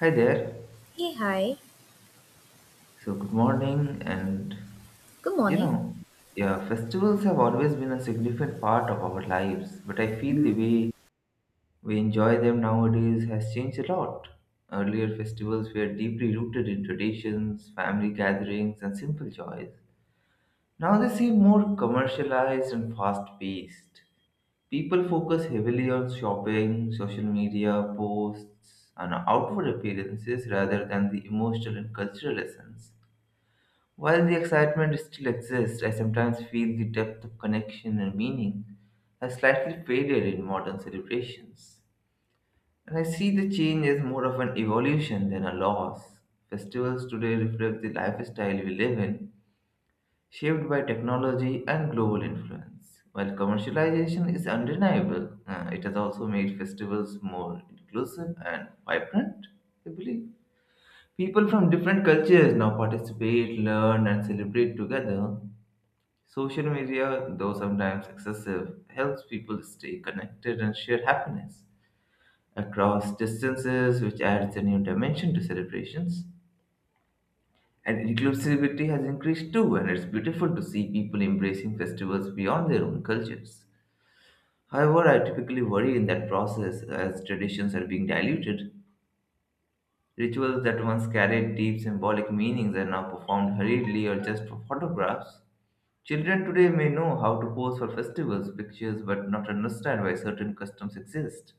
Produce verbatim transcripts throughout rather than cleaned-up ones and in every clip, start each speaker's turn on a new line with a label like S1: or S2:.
S1: Hi there.
S2: Hey, hi.
S1: So, good morning. And
S2: Good
S1: you
S2: morning.
S1: know, yeah, festivals have always been a significant part of our lives, but I feel the
S2: Mhm.
S1: way we enjoy them nowadays has changed a lot. Earlier, festivals were deeply rooted in traditions, family gatherings, and simple joys. Now they seem more commercialized and fast-paced. People focus heavily on shopping, social media posts, and outward appearances rather than the emotional and cultural essence. While the excitement still exists, I sometimes feel the depth of connection and meaning has slightly faded in modern celebrations. And I see the change as more of an evolution than a loss. Festivals today reflect the lifestyle we live in, shaped by technology and global influence. While commercialization is undeniable, uh, it has also made festivals more inclusive and vibrant, I believe. People from different cultures now participate, learn, and celebrate together. Social media, though sometimes excessive, helps people stay connected and share happiness across distances, which adds a new dimension to celebrations. And inclusivity has increased too, and it's beautiful to see people embracing festivals beyond their own cultures. However, I typically worry in that process as traditions are being diluted. Rituals that once carried deep symbolic meanings are now performed hurriedly or just for photographs. Children today may know how to pose for festivals, pictures, but not understand why certain customs exist.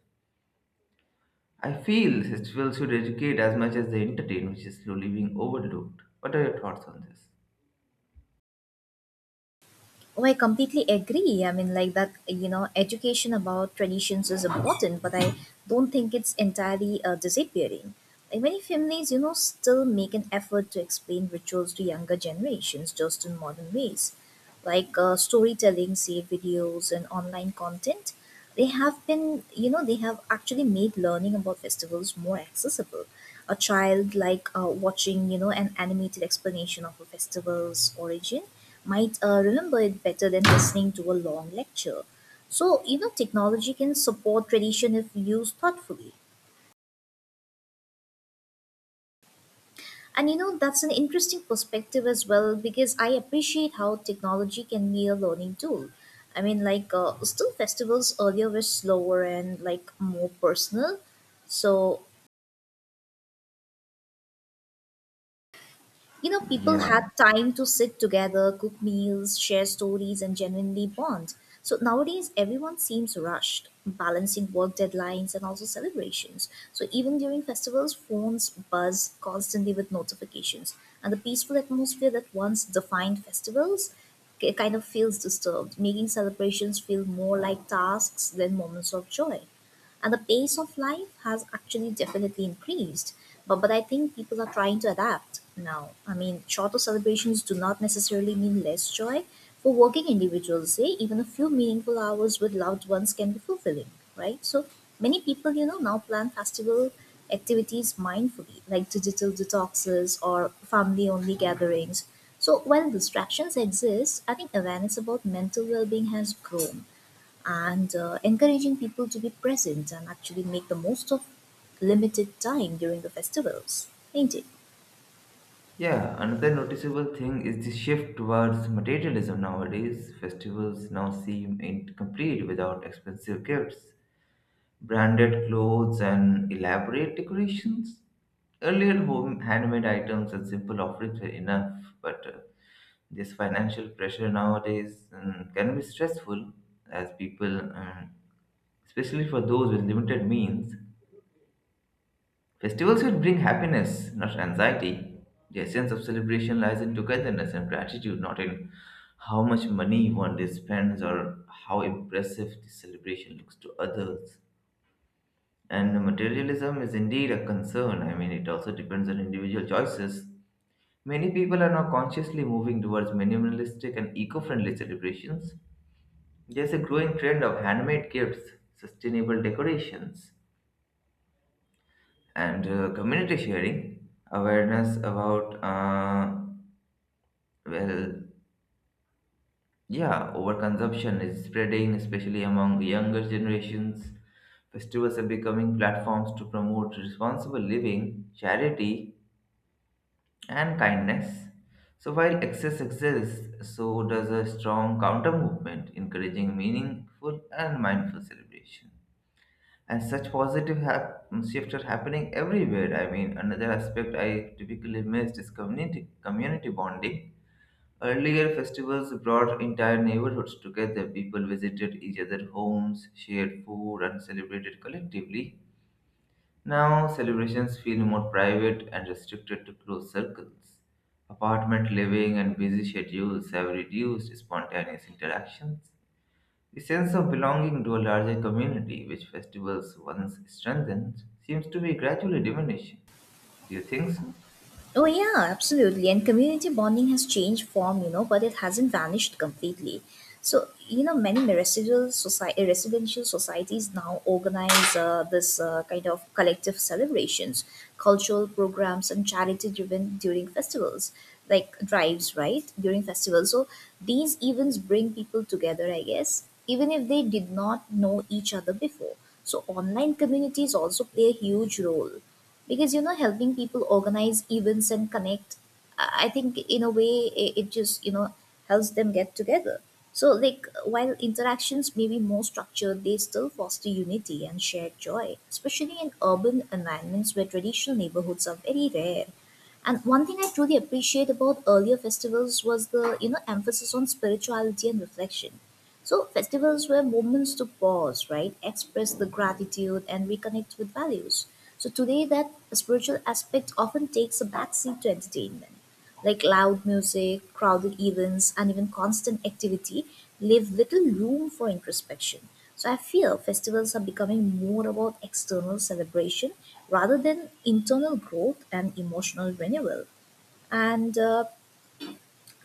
S1: I feel festivals should educate as much as they entertain, which is slowly being overlooked. What are your thoughts on this?
S2: Oh, I completely agree. I mean, like that, you know, education about traditions is important, but I don't think it's entirely uh, disappearing. Like many families, you know, still make an effort to explain rituals to younger generations just in modern ways, like uh, storytelling, say videos, and online content. They have been you know they have actually made learning about festivals more accessible. A child like uh, watching you know an animated explanation of a festival's origin might uh, remember it better than listening to a long lecture. So you know technology can support tradition if used thoughtfully. And you know, that's an interesting perspective as well, because I appreciate how technology can be a learning tool. I mean, like, uh, still festivals earlier were slower and like more personal. So You know, people had
S1: Yeah.
S2: time to sit together, cook meals, share stories, and genuinely bond. So nowadays, everyone seems rushed, balancing work deadlines and also celebrations. So even during festivals, phones buzz constantly with notifications, and the peaceful atmosphere that once defined festivals ki- kind of feels disturbed, making celebrations feel more like tasks than moments of joy. And the pace of life has actually definitely increased, but but I think people are trying to adapt now. I mean, shorter celebrations do not necessarily mean less joy. For working individuals, say, even a few meaningful hours with loved ones can be fulfilling, right? So many people, you know now plan festival activities mindfully, like digital detoxes or family only gatherings. So while distractions exist, I think awareness about mental well-being has grown and uh, encouraging people to be present and actually make the most of limited time during the festivals, ain't it?
S1: Yeah, another noticeable thing is the shift towards materialism nowadays. Festivals now seem incomplete without expensive gifts, branded clothes, and elaborate decorations. Earlier, home handmade items and simple offerings were enough, but uh, this financial pressure nowadays um, can be stressful as people, um, especially for those with limited means. Festivals should bring happiness, not anxiety. The essence of celebration lies in togetherness and gratitude, not in how much money one day spends or how impressive the celebration looks to others. And materialism is indeed a concern. I mean, it also depends on individual choices. Many people are now consciously moving towards minimalistic and eco friendly celebrations. There's a growing trend of handmade gifts, sustainable decorations, and uh, community sharing. Awareness about, uh, well, yeah, overconsumption is spreading, especially among younger generations. Festivals are becoming platforms to promote responsible living, charity, and kindness. So while excess exists, so does a strong counter movement encouraging meaningful and mindful celebration. And such positive hap- shifts are happening everywhere. I mean, another aspect I typically missed is community community bonding. Earlier, festivals brought entire neighborhoods together. People visited each other's homes, shared food, and celebrated collectively. Now, celebrations feel more private and restricted to close circles. Apartment living and busy schedules have reduced spontaneous interactions. The sense of belonging to a larger community, which festivals once strengthened, seems to be gradually diminishing. Do you think so?
S2: Oh yeah, absolutely. And community bonding has changed form, you know, but it hasn't vanished completely. So you know, many residential society residential societies now organize uh, this uh, kind of collective celebrations, cultural programs, and charity-driven during festivals, like drives, right? During festivals, so these events bring people together, I guess, even if they did not know each other before. So online communities also play a huge role because you know helping people organize events and connect. I I think in a way it, it just you know helps them get together. So like, while interactions may be more structured, they still foster unity and shared joy, especially in urban environments where traditional neighborhoods are very rare. And one thing I truly appreciate about earlier festivals was the you know emphasis on spirituality and reflection. So, festivals were moments to pause, right? Express the gratitude and reconnect with values. So, today, that spiritual aspect often takes a backseat to entertainment. Like loud music, crowded events, and even constant activity leave little room for introspection. So, I feel festivals are becoming more about external celebration rather than internal growth and emotional renewal. And uh,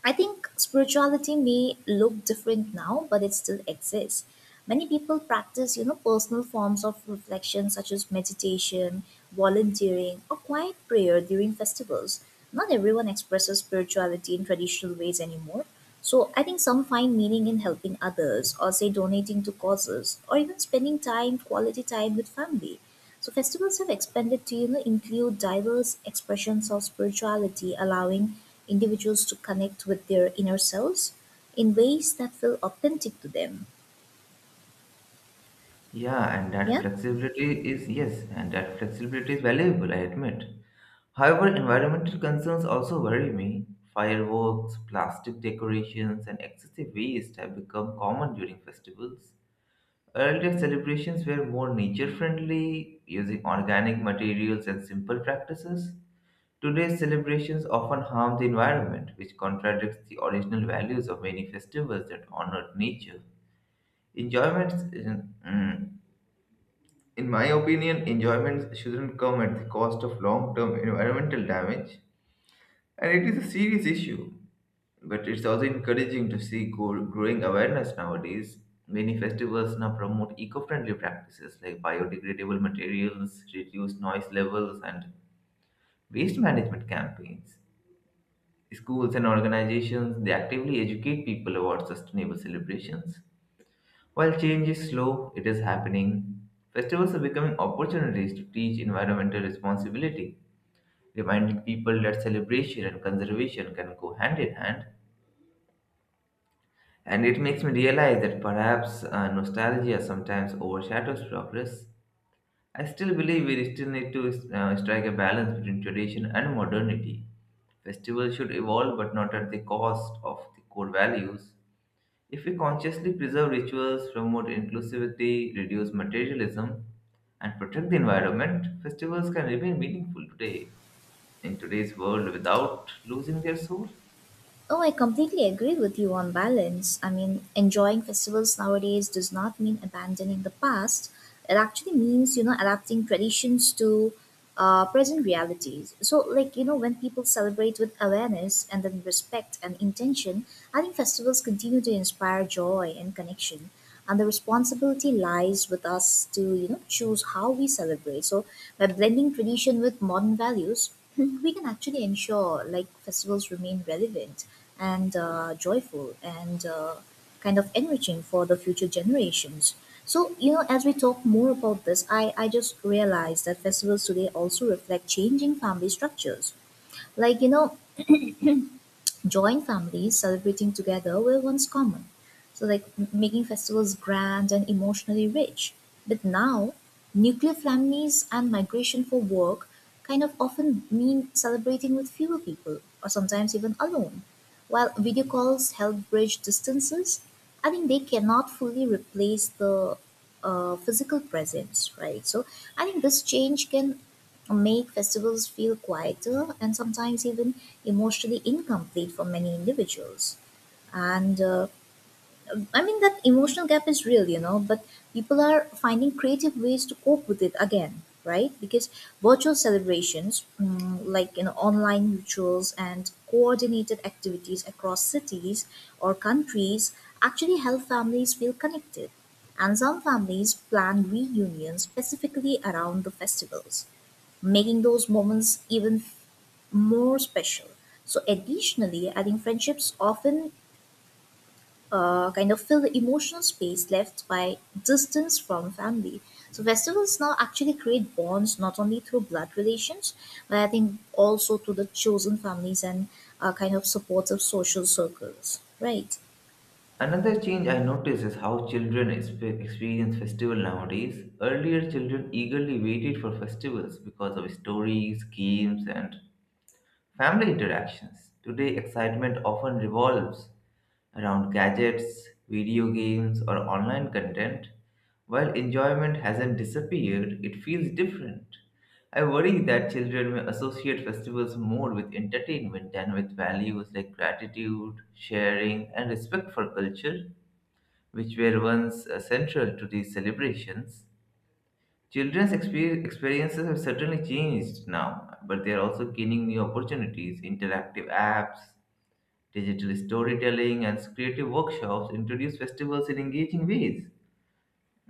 S2: I think spirituality may look different now, but it still exists. Many people practice, you know, personal forms of reflection such as meditation, volunteering, or quiet prayer during festivals. Not everyone expresses spirituality in traditional ways anymore. So I think some find meaning in helping others, or say donating to causes, or even spending time, quality time with family. So festivals have expanded to you know include diverse expressions of spirituality, allowing individuals to connect with their inner selves in ways that feel authentic to them.
S1: Yeah, and that
S2: Yeah.
S1: flexibility is, yes, and that flexibility is valuable, I admit. However, environmental concerns also worry me. Fireworks, plastic decorations, and excessive waste have become common during festivals. Earlier celebrations were more nature friendly, using organic materials and simple practices. Today's celebrations often harm the environment, which contradicts the original values of many festivals that honored nature. Enjoyments, in, mm, in my opinion, enjoyments shouldn't come at the cost of long term environmental damage, and it is a serious issue. But it's also encouraging to see go- growing awareness nowadays. Many festivals now promote eco friendly practices like biodegradable materials, reduced noise levels, and waste management campaigns. Schools and organizations they actively educate people about sustainable celebrations. While change is slow, it is happening. Festivals are becoming opportunities to teach environmental responsibility, reminding people that celebration and conservation can go hand in hand. And it makes me realize that perhaps uh, nostalgia sometimes overshadows progress. I still believe we still need to uh, strike a balance between tradition and modernity. Festivals should evolve, but not at the cost of the core values. If we consciously preserve rituals, promote inclusivity, reduce materialism, and protect the environment, festivals can remain meaningful today in today's world without losing their soul.
S2: Oh, I completely agree with you on balance. I mean, enjoying festivals nowadays does not mean abandoning the past. It actually means, you know, adapting traditions to uh, present realities. So, like, you know, when people celebrate with awareness and then respect and intention, I think festivals continue to inspire joy and connection, and the responsibility lies with us to you know choose how we celebrate. So by blending tradition with modern values we can actually ensure like festivals remain relevant and uh, joyful and uh, kind of enriching for the future generations. So you know as we talk more about this, i i just realized that festivals today also reflect changing family structures. Like you know join families celebrating together were once common. So, like m- making festivals grand and emotionally rich. But now, nuclear families and migration for work kind of often mean celebrating with fewer people or sometimes even alone. While video calls help bridge distances, I think they cannot fully replace the uh, physical presence, right? So, I think this change can make festivals feel quieter and sometimes even emotionally incomplete for many individuals. And uh, I mean, that emotional gap is real, you know, but people are finding creative ways to cope with it again, right? Because virtual celebrations, mm, like, you know, online rituals and coordinated activities across cities or countries actually help families feel connected. And some families plan reunions specifically around the festivals, making those moments even more special. So, additionally, I think friendships often uh, kind of fill the emotional space left by distance from family. So, festivals now actually create bonds not only through blood relations, but I think also to the chosen families and uh, kind of supportive social circles, right?
S1: Another change I notice is how children expe- experience festival nowadays. Earlier, children eagerly waited for festivals because of stories, games, and family interactions. Today, excitement often revolves around gadgets, video games, or online content. While enjoyment hasn't disappeared, it feels different. I worry that children may associate festivals more with entertainment than with values like gratitude, sharing, and respect for culture, which were once uh, central to these celebrations. Children's exper- experiences have certainly changed now, but they are also gaining new opportunities. Interactive apps, digital storytelling, and creative workshops introduce festivals in engaging ways.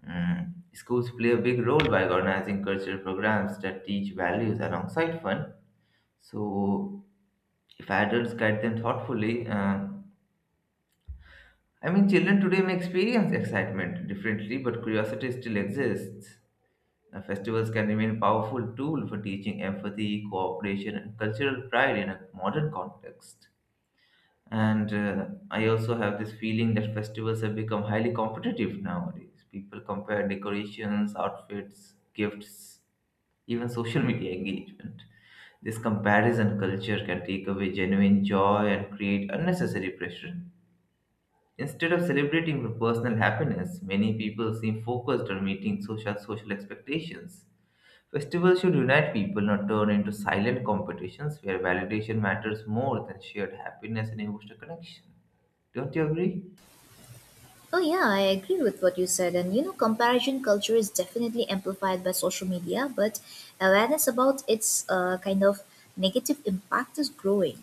S1: Mm. Schools play a big role by organizing cultural programs that teach values alongside fun. So, if adults guide them thoughtfully, uh, I mean, children today may experience excitement differently, but curiosity still exists. Uh, Festivals can remain powerful tool for teaching empathy, cooperation, and cultural pride in a modern context. And uh, I also have this feeling that festivals have become highly competitive nowadays. People compare decorations, outfits, gifts, even social media engagement. This comparison culture can take away genuine joy and create unnecessary pressure. Instead of celebrating the personal happiness, many people seem focused on meeting social social expectations. Festivals should unite people, not turn into silent competitions where validation matters more than shared happiness and emotional connection. Don't you agree?
S2: Oh, yeah, I agree with what you said. And you know, comparison culture is definitely amplified by social media, but awareness about its uh, kind of negative impact is growing.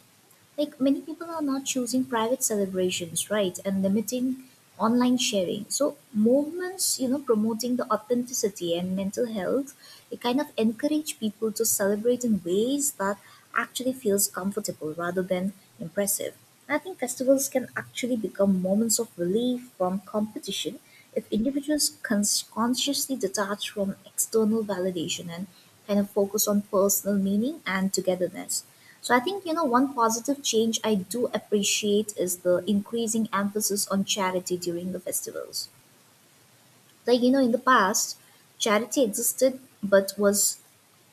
S2: Like many people are not choosing private celebrations, right, and limiting online sharing. So movements you know promoting the authenticity and mental health, it kind of encourage people to celebrate in ways that actually feels comfortable rather than impressive. I think festivals can actually become moments of relief from competition if individuals cons- consciously detach from external validation and kind of focus on personal meaning and togetherness. So I think, you know, one positive change I do appreciate is the increasing emphasis on charity during the festivals. Like, you know, in the past, charity existed but was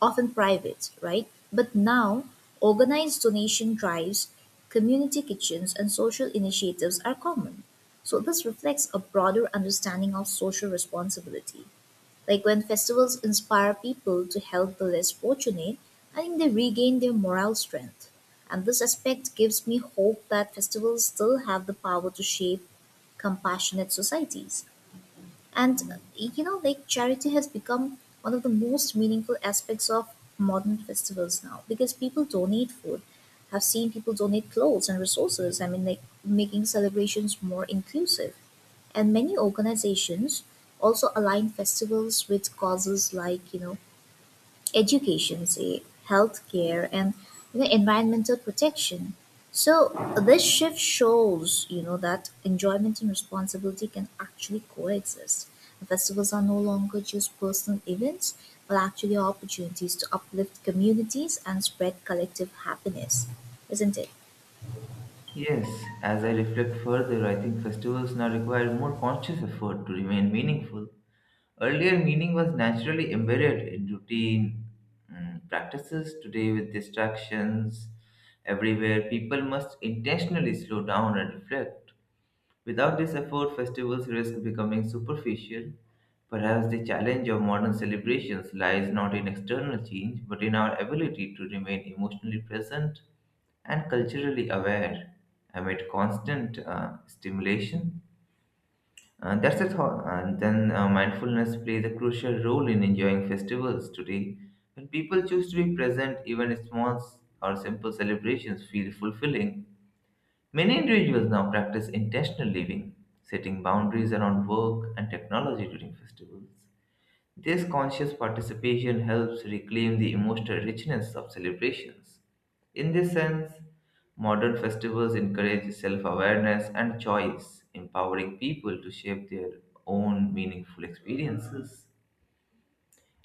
S2: often private, right? But now, organized donation drives, community kitchens, and social initiatives are common. So this reflects a broader understanding of social responsibility. Like when festivals inspire people to help the less fortunate, I think they regain their moral strength. And this aspect gives me hope that festivals still have the power to shape compassionate societies. And uh, you know, like charity has become one of the most meaningful aspects of modern festivals now, because people donate food. I've seen people donate clothes and resources. I mean, like making celebrations more inclusive. And many organizations also align festivals with causes like you know education, say healthcare and you know environmental protection. So this shift shows you know that enjoyment and responsibility can actually coexist. The festivals are no longer just personal events but actually opportunities to uplift communities and spread collective happiness, isn't it?
S1: Yes, as I reflect further, I think festivals now require more conscious effort to remain meaningful. Earlier, meaning was naturally embedded in routine mm, practices. Today, with distractions everywhere, people must intentionally slow down and reflect. Without this effort, festivals risk becoming superficial. Perhaps the challenge of modern celebrations lies not in external change, but in our ability to remain emotionally present and culturally aware amid constant uh, stimulation. Uh, that's a thought. And then uh, Mindfulness plays a crucial role in enjoying festivals today. When people choose to be present, even small s- or simple celebrations feel fulfilling. Many individuals now practice intentional living, setting boundaries around work and technology during festivals. This conscious participation helps reclaim the emotional richness of celebrations. In this sense, modern festivals encourage self awareness and choice, empowering people to shape their own meaningful experiences.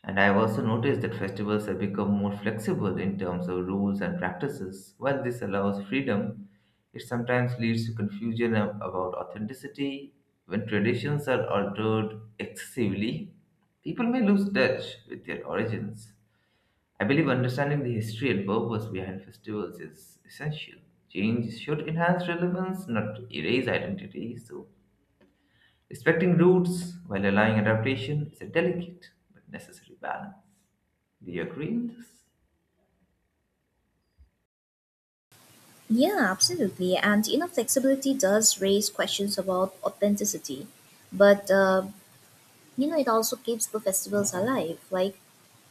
S1: And I've also noticed that festivals have become more flexible in terms of rules and practices. While this allows freedom, it sometimes leads to confusion ab- about authenticity. When traditions are altered excessively, people may lose touch with their origins. I believe understanding the history and purpose behind festivals is essential. Change should enhance relevance, not erase identity. So, respecting roots while allowing adaptation is a delicate but necessary balance. Do you agree with this?
S2: Yeah, absolutely. And you know, flexibility does raise questions about authenticity, but uh, you know, it also keeps the festivals alive. Like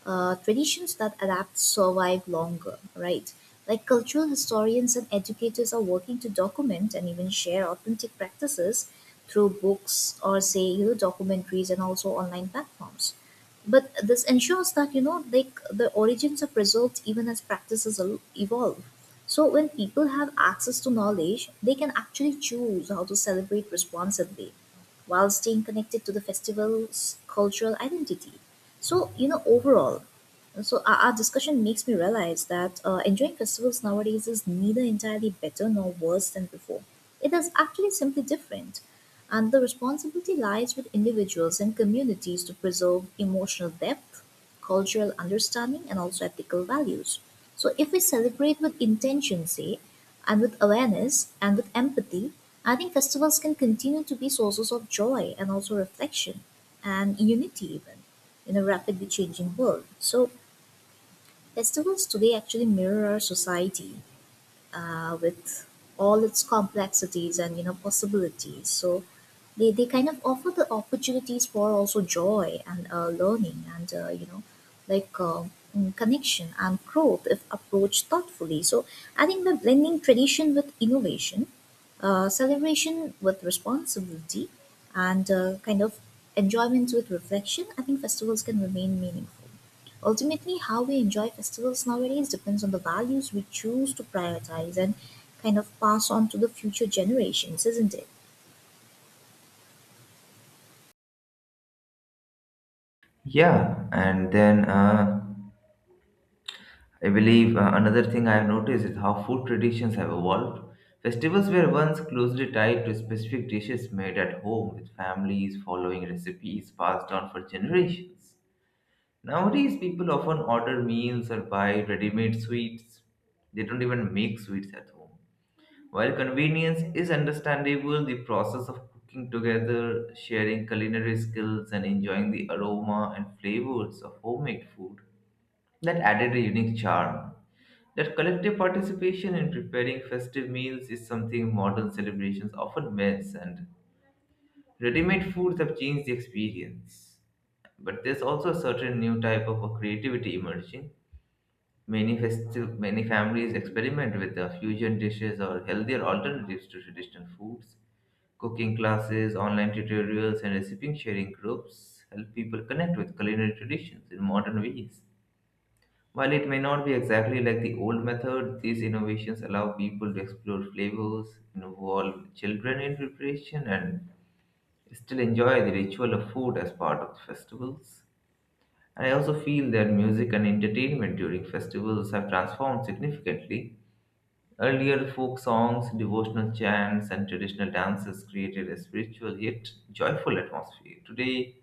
S2: uh, traditions that adapt survive longer, right? Like cultural historians and educators are working to document and even share authentic practices through books or say you know documentaries and also online platforms. But this ensures that you know like the origins are preserved even as practices el- evolve. So when people have access to knowledge, they can actually choose how to celebrate responsibly while staying connected to the festival's cultural identity. So, you know, overall, so our, our discussion makes me realize that uh, enjoying festivals nowadays is neither entirely better nor worse than before. It is actually simply different. And the responsibility lies with individuals and communities to preserve emotional depth, cultural understanding, and also ethical values. So, if we celebrate with intention, say, and with awareness and with empathy, I think festivals can continue to be sources of joy and also reflection and unity, even in a rapidly changing world. So festivals today actually mirror our society uh, with all its complexities and you know possibilities. So they, they kind of offer the opportunities for also joy and uh, learning and uh, you know like uh, mm, connection and growth if approached thoughtfully. So I think by blending tradition with innovation, uh, celebration with responsibility, and uh, kind of enjoyment with reflection, I think festivals can remain meaningful. Ultimately, how we enjoy festivals nowadays depends on the values we choose to prioritize and kind of pass on to the future generations, isn't it?
S1: Yeah, and then uh, I believe uh, another thing I have noticed is how food traditions have evolved. Festivals were once closely tied to specific dishes made at home, with families following recipes passed down for generations. Nowadays, people often order meals or buy ready made sweets. They don't even make sweets at home. While convenience is understandable, the process of cooking together, sharing culinary skills, and enjoying the aroma and flavors of homemade food that added a unique charm. That collective participation in preparing festive meals is something modern celebrations often miss, and ready-made foods have changed the experience. But there's also a certain new type of creativity emerging. Many festi- many families experiment with uh, fusion dishes or healthier alternatives to traditional foods. Cooking classes, online tutorials, and recipe sharing groups help people connect with culinary traditions in modern ways. While it may not be exactly like the old method, these innovations allow people to explore flavors, involve children in preparation, and still enjoy the ritual of food as part of the festivals. And I also feel that music and entertainment during festivals have transformed significantly. Earlier folk songs, devotional chants, and traditional dances created a spiritual yet joyful atmosphere. Today,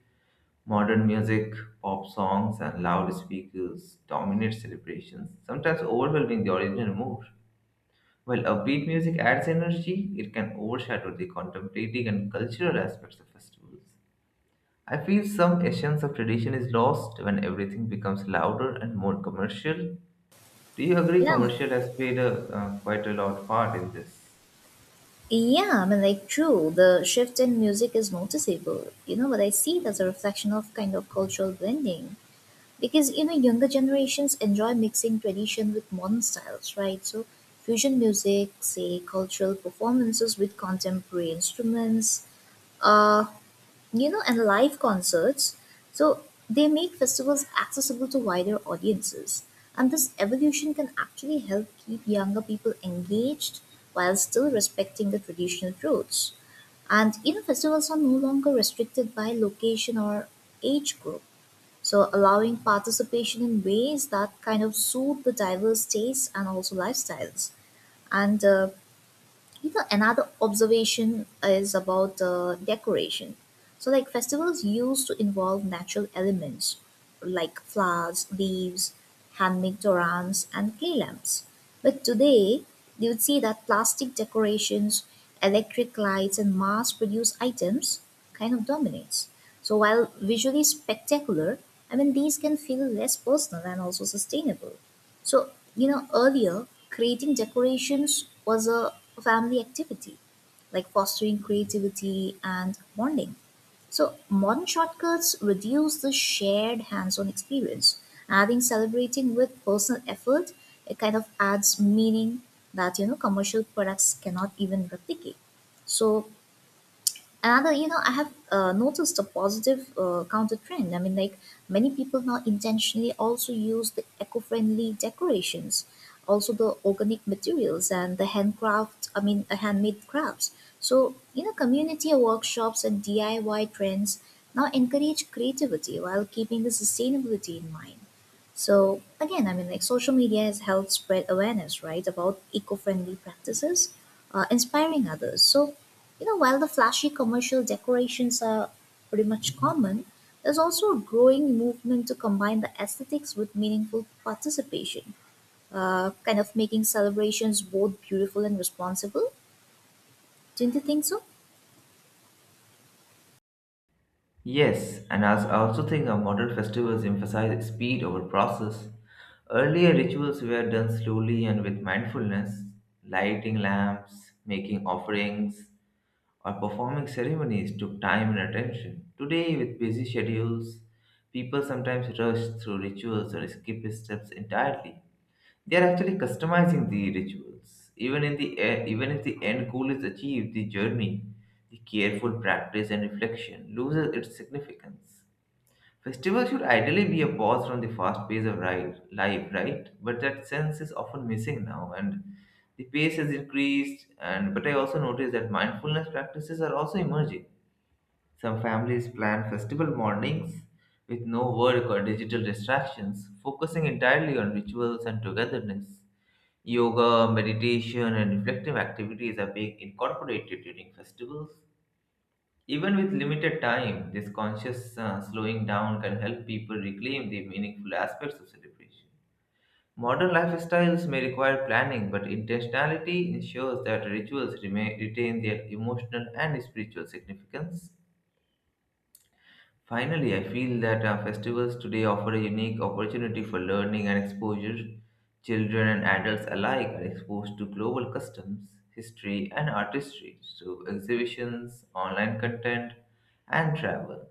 S1: modern music, pop songs, and loudspeakers dominate celebrations, sometimes overwhelming the original mood. While upbeat music adds energy, it can overshadow the contemplative and cultural aspects of festivals. I feel some essence of tradition is lost when everything becomes louder and more commercial. Do you agree
S2: Yeah.
S1: commercial has played a, uh, quite a lot part in this?
S2: Yeah, I mean, like, true, the shift in music is noticeable, you know, but I see it as a reflection of kind of cultural blending. Because, you know, younger generations enjoy mixing tradition with modern styles, right? So, fusion music, say, cultural performances with contemporary instruments, uh, you know, and live concerts. So they make festivals accessible to wider audiences. And this evolution can actually help keep younger people engaged while still respecting the traditional roots. And you know, festivals are no longer restricted by location or age group. So allowing participation in ways that kind of suit the diverse tastes and also lifestyles. And uh, you know, another observation is about uh, decoration. So like festivals used to involve natural elements like flowers, leaves, handmade torans and clay lamps, but today you would see that plastic decorations, electric lights and mass produced items kind of dominates. So while visually spectacular, I mean these can feel less personal and also sustainable. so, you know, earlier, creating decorations was a family activity, like fostering creativity and bonding. So, modern shortcuts reduce the shared hands on experience. Adding celebrating with personal effort, it kind of adds meaning that, you know, commercial products cannot even replicate. So, another you know I have uh, noticed a positive uh, counter trend, I mean, like many people now intentionally also use the eco-friendly decorations, also the organic materials and the handcraft, I mean uh, handmade crafts. So you know, community workshops and D I Y trends now encourage creativity while keeping the sustainability in mind. So again, I mean, like social media has helped spread awareness, right, about eco-friendly practices, uh, inspiring others. So you know, while the flashy commercial decorations are pretty much common, there's also a growing movement to combine the aesthetics with meaningful participation, uh, kind of making celebrations both beautiful and responsible. Don't you think so?
S1: Yes, and as I also think our modern festivals emphasize speed over process. Earlier rituals were done slowly and with mindfulness. Lighting lamps, making offerings, or performing ceremonies took time and attention. Today, with busy schedules, people sometimes rush through rituals or skip steps entirely. They are actually customizing the rituals. Even in the e- even if the end goal is achieved, the journey, the careful practice and reflection loses its significance. Festivals should ideally be a pause from the fast pace of ri- life, right? But that sense is often missing now, and the pace has increased. And but I also noticed that mindfulness practices are also emerging. Some families plan festival mornings with no work or digital distractions, focusing entirely on rituals and togetherness. Yoga, meditation, and reflective activities are being incorporated during festivals. Even with limited time, this conscious uh, slowing down can help people reclaim the meaningful aspects of celebration. Modern lifestyles may require planning, but intentionality ensures that rituals remain, retain their emotional and spiritual significance. Finally, I feel that our festivals today offer a unique opportunity for learning and exposure. Children and adults alike are exposed to global customs, history, and artistry through exhibitions, online content, and travel.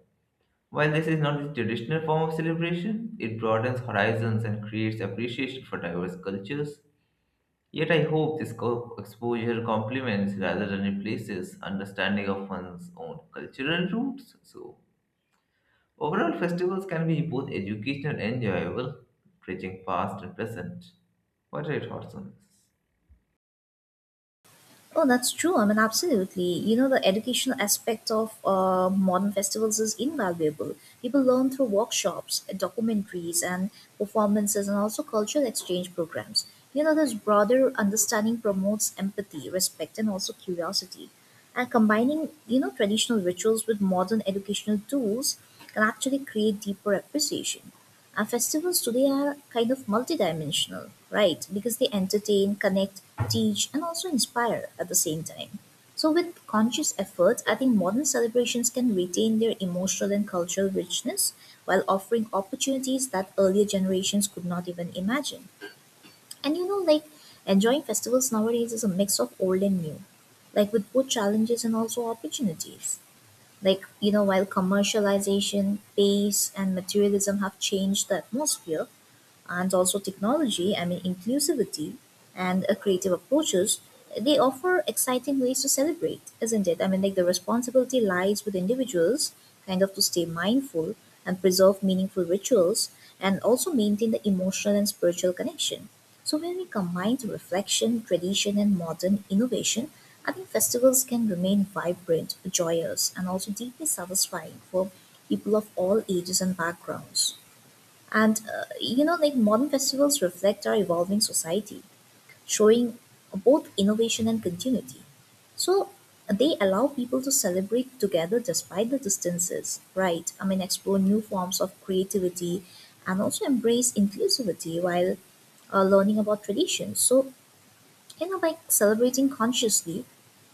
S1: While this is not the traditional form of celebration, it broadens horizons and creates appreciation for diverse cultures. Yet I hope this co- exposure complements rather than replaces understanding of one's own cultural roots. So, overall, festivals can be both educational and enjoyable, bridging past and present. What are your thoughts on this?
S2: Oh, that's true. I mean, absolutely. You know, the educational aspect of uh, modern festivals is invaluable. People learn through workshops, documentaries, and performances, and also cultural exchange programs. You know, this broader understanding promotes empathy, respect, and also curiosity. And combining, you know, traditional rituals with modern educational tools can actually create deeper appreciation. Our festivals today are kind of multidimensional, right? Because they entertain, connect, teach, and also inspire at the same time. So, with conscious efforts, I think modern celebrations can retain their emotional and cultural richness while offering opportunities that earlier generations could not even imagine. And you know, like enjoying festivals nowadays is a mix of old and new, like with both challenges and also opportunities. Like, you know, while commercialization, pace, and materialism have changed the atmosphere, and also technology, I mean inclusivity and uh, creative approaches, they offer exciting ways to celebrate, isn't it? I mean, like the responsibility lies with individuals, kind of to stay mindful and preserve meaningful rituals and also maintain the emotional and spiritual connection. So, when we combine the reflection, tradition, and modern innovation, I think festivals can remain vibrant, joyous, and also deeply satisfying for people of all ages and backgrounds. And uh, You know, like modern festivals reflect our evolving society, showing both innovation and continuity. So they allow people to celebrate together despite the distances, right? I mean, explore new forms of creativity and also embrace inclusivity while uh, learning about traditions. So, you know, by celebrating consciously,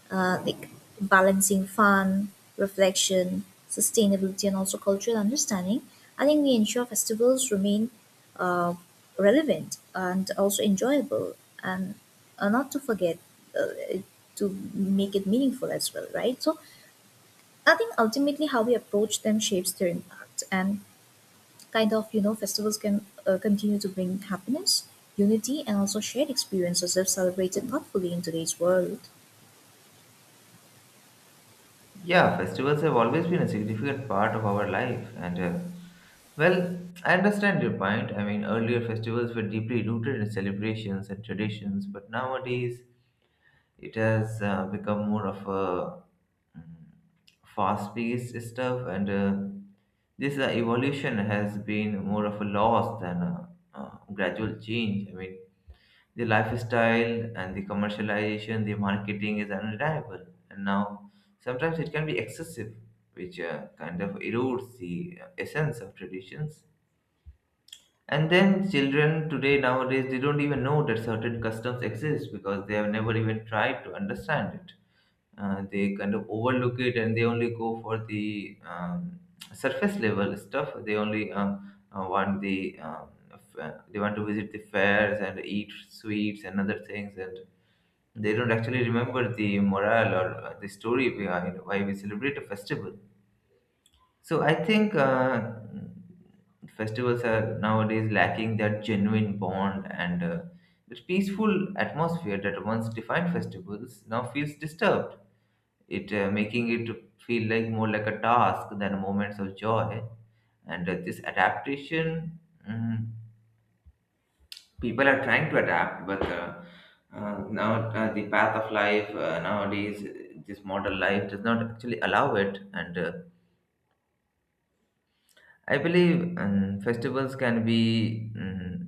S2: uh, like balancing fun, reflection, sustainability, and also cultural understanding, I think we ensure festivals remain uh, relevant and also enjoyable, and uh, not to forget uh, to make it meaningful as well, right? So I think ultimately how we approach them shapes their impact, and kind of you know festivals can uh, continue to bring happiness, unity, and also shared experiences if celebrated thoughtfully in today's world.
S1: Yeah, festivals have always been a significant part of our life, and uh, well, I understand your point. I mean, earlier festivals were deeply rooted in celebrations and traditions, but nowadays it has uh, become more of a fast paced stuff, and uh, this uh, evolution has been more of a loss than a, uh gradual change. I mean, the lifestyle and the commercialization, the marketing is unreliable, and now sometimes it can be excessive, which uh, kind of erodes the uh, essence of traditions. And then children today nowadays they don't even know that certain customs exist because they have never even tried to understand it. Uh, they kind of overlook it and they only go for the um, surface level stuff. They only um, uh, want the um, f- uh, they want to visit the fairs and eat sweets and other things and they don't actually remember the morale or uh, the story behind why we celebrate a festival. So I think uh, festivals are nowadays lacking that genuine bond, and uh, the peaceful atmosphere that once defined festivals now feels disturbed. It uh, Making it feel like more like a task than moments of joy. And uh, this adaptation, mm, people are trying to adapt, but uh, uh, now uh, the path of life uh, nowadays, this modern life does not actually allow it. And. Uh, I believe um, festivals can be mm,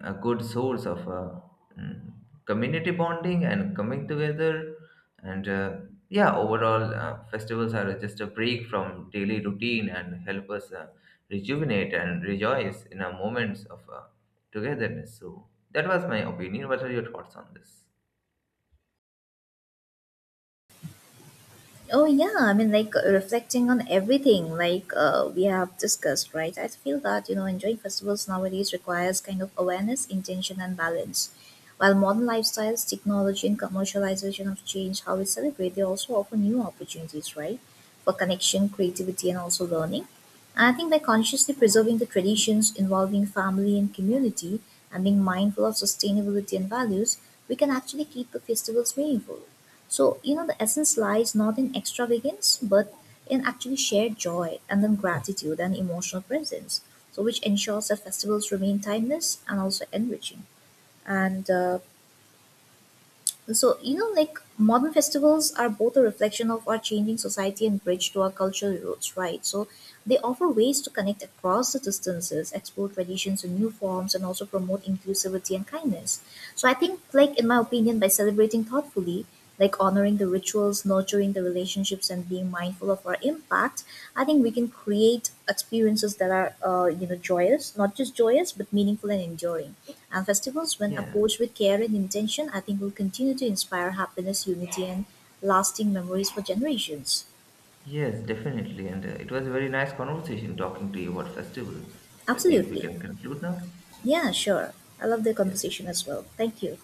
S1: a good source of uh, mm, community bonding and coming together. And uh, yeah, overall, uh, festivals are just a break from daily routine and help us uh, rejuvenate and rejoice in our moments of uh, togetherness. So that was my opinion. What are your thoughts on this?
S2: Oh yeah, I mean like uh, reflecting on everything like uh, we have discussed, right? I feel that you know enjoying festivals nowadays requires kind of awareness, intention, and balance. While modern lifestyles, technology, and commercialization have changed how we celebrate, they also offer new opportunities, right, for connection, creativity, and also learning. And I think by consciously preserving the traditions involving family and community, and being mindful of sustainability and values, we can actually keep the festivals meaningful. So, you know, the essence lies not in extravagance, but in actually shared joy and then gratitude and emotional presence. So, which ensures that festivals remain timeless and also enriching. And uh, so, you know, like modern festivals are both a reflection of our changing society and bridge to our cultural roots, right? So, they offer ways to connect across the distances, explore traditions in new forms, and also promote inclusivity and kindness. So, I think, like, in my opinion, by celebrating thoughtfully, like honoring the rituals, nurturing the relationships, and being mindful of our impact, I think we can create experiences that are, uh, you know, joyous, not just joyous, but meaningful and enduring. And festivals, when
S1: Yeah,
S2: approached with care and intention, I think will continue to inspire happiness, unity, and lasting memories for generations.
S1: yes, definitely. And uh, it was a very nice conversation talking to you about festivals. So I think we
S2: Absolutely.
S1: can conclude now.
S2: Yeah, sure. I love the
S1: Yes.
S2: conversation as well. Thank you.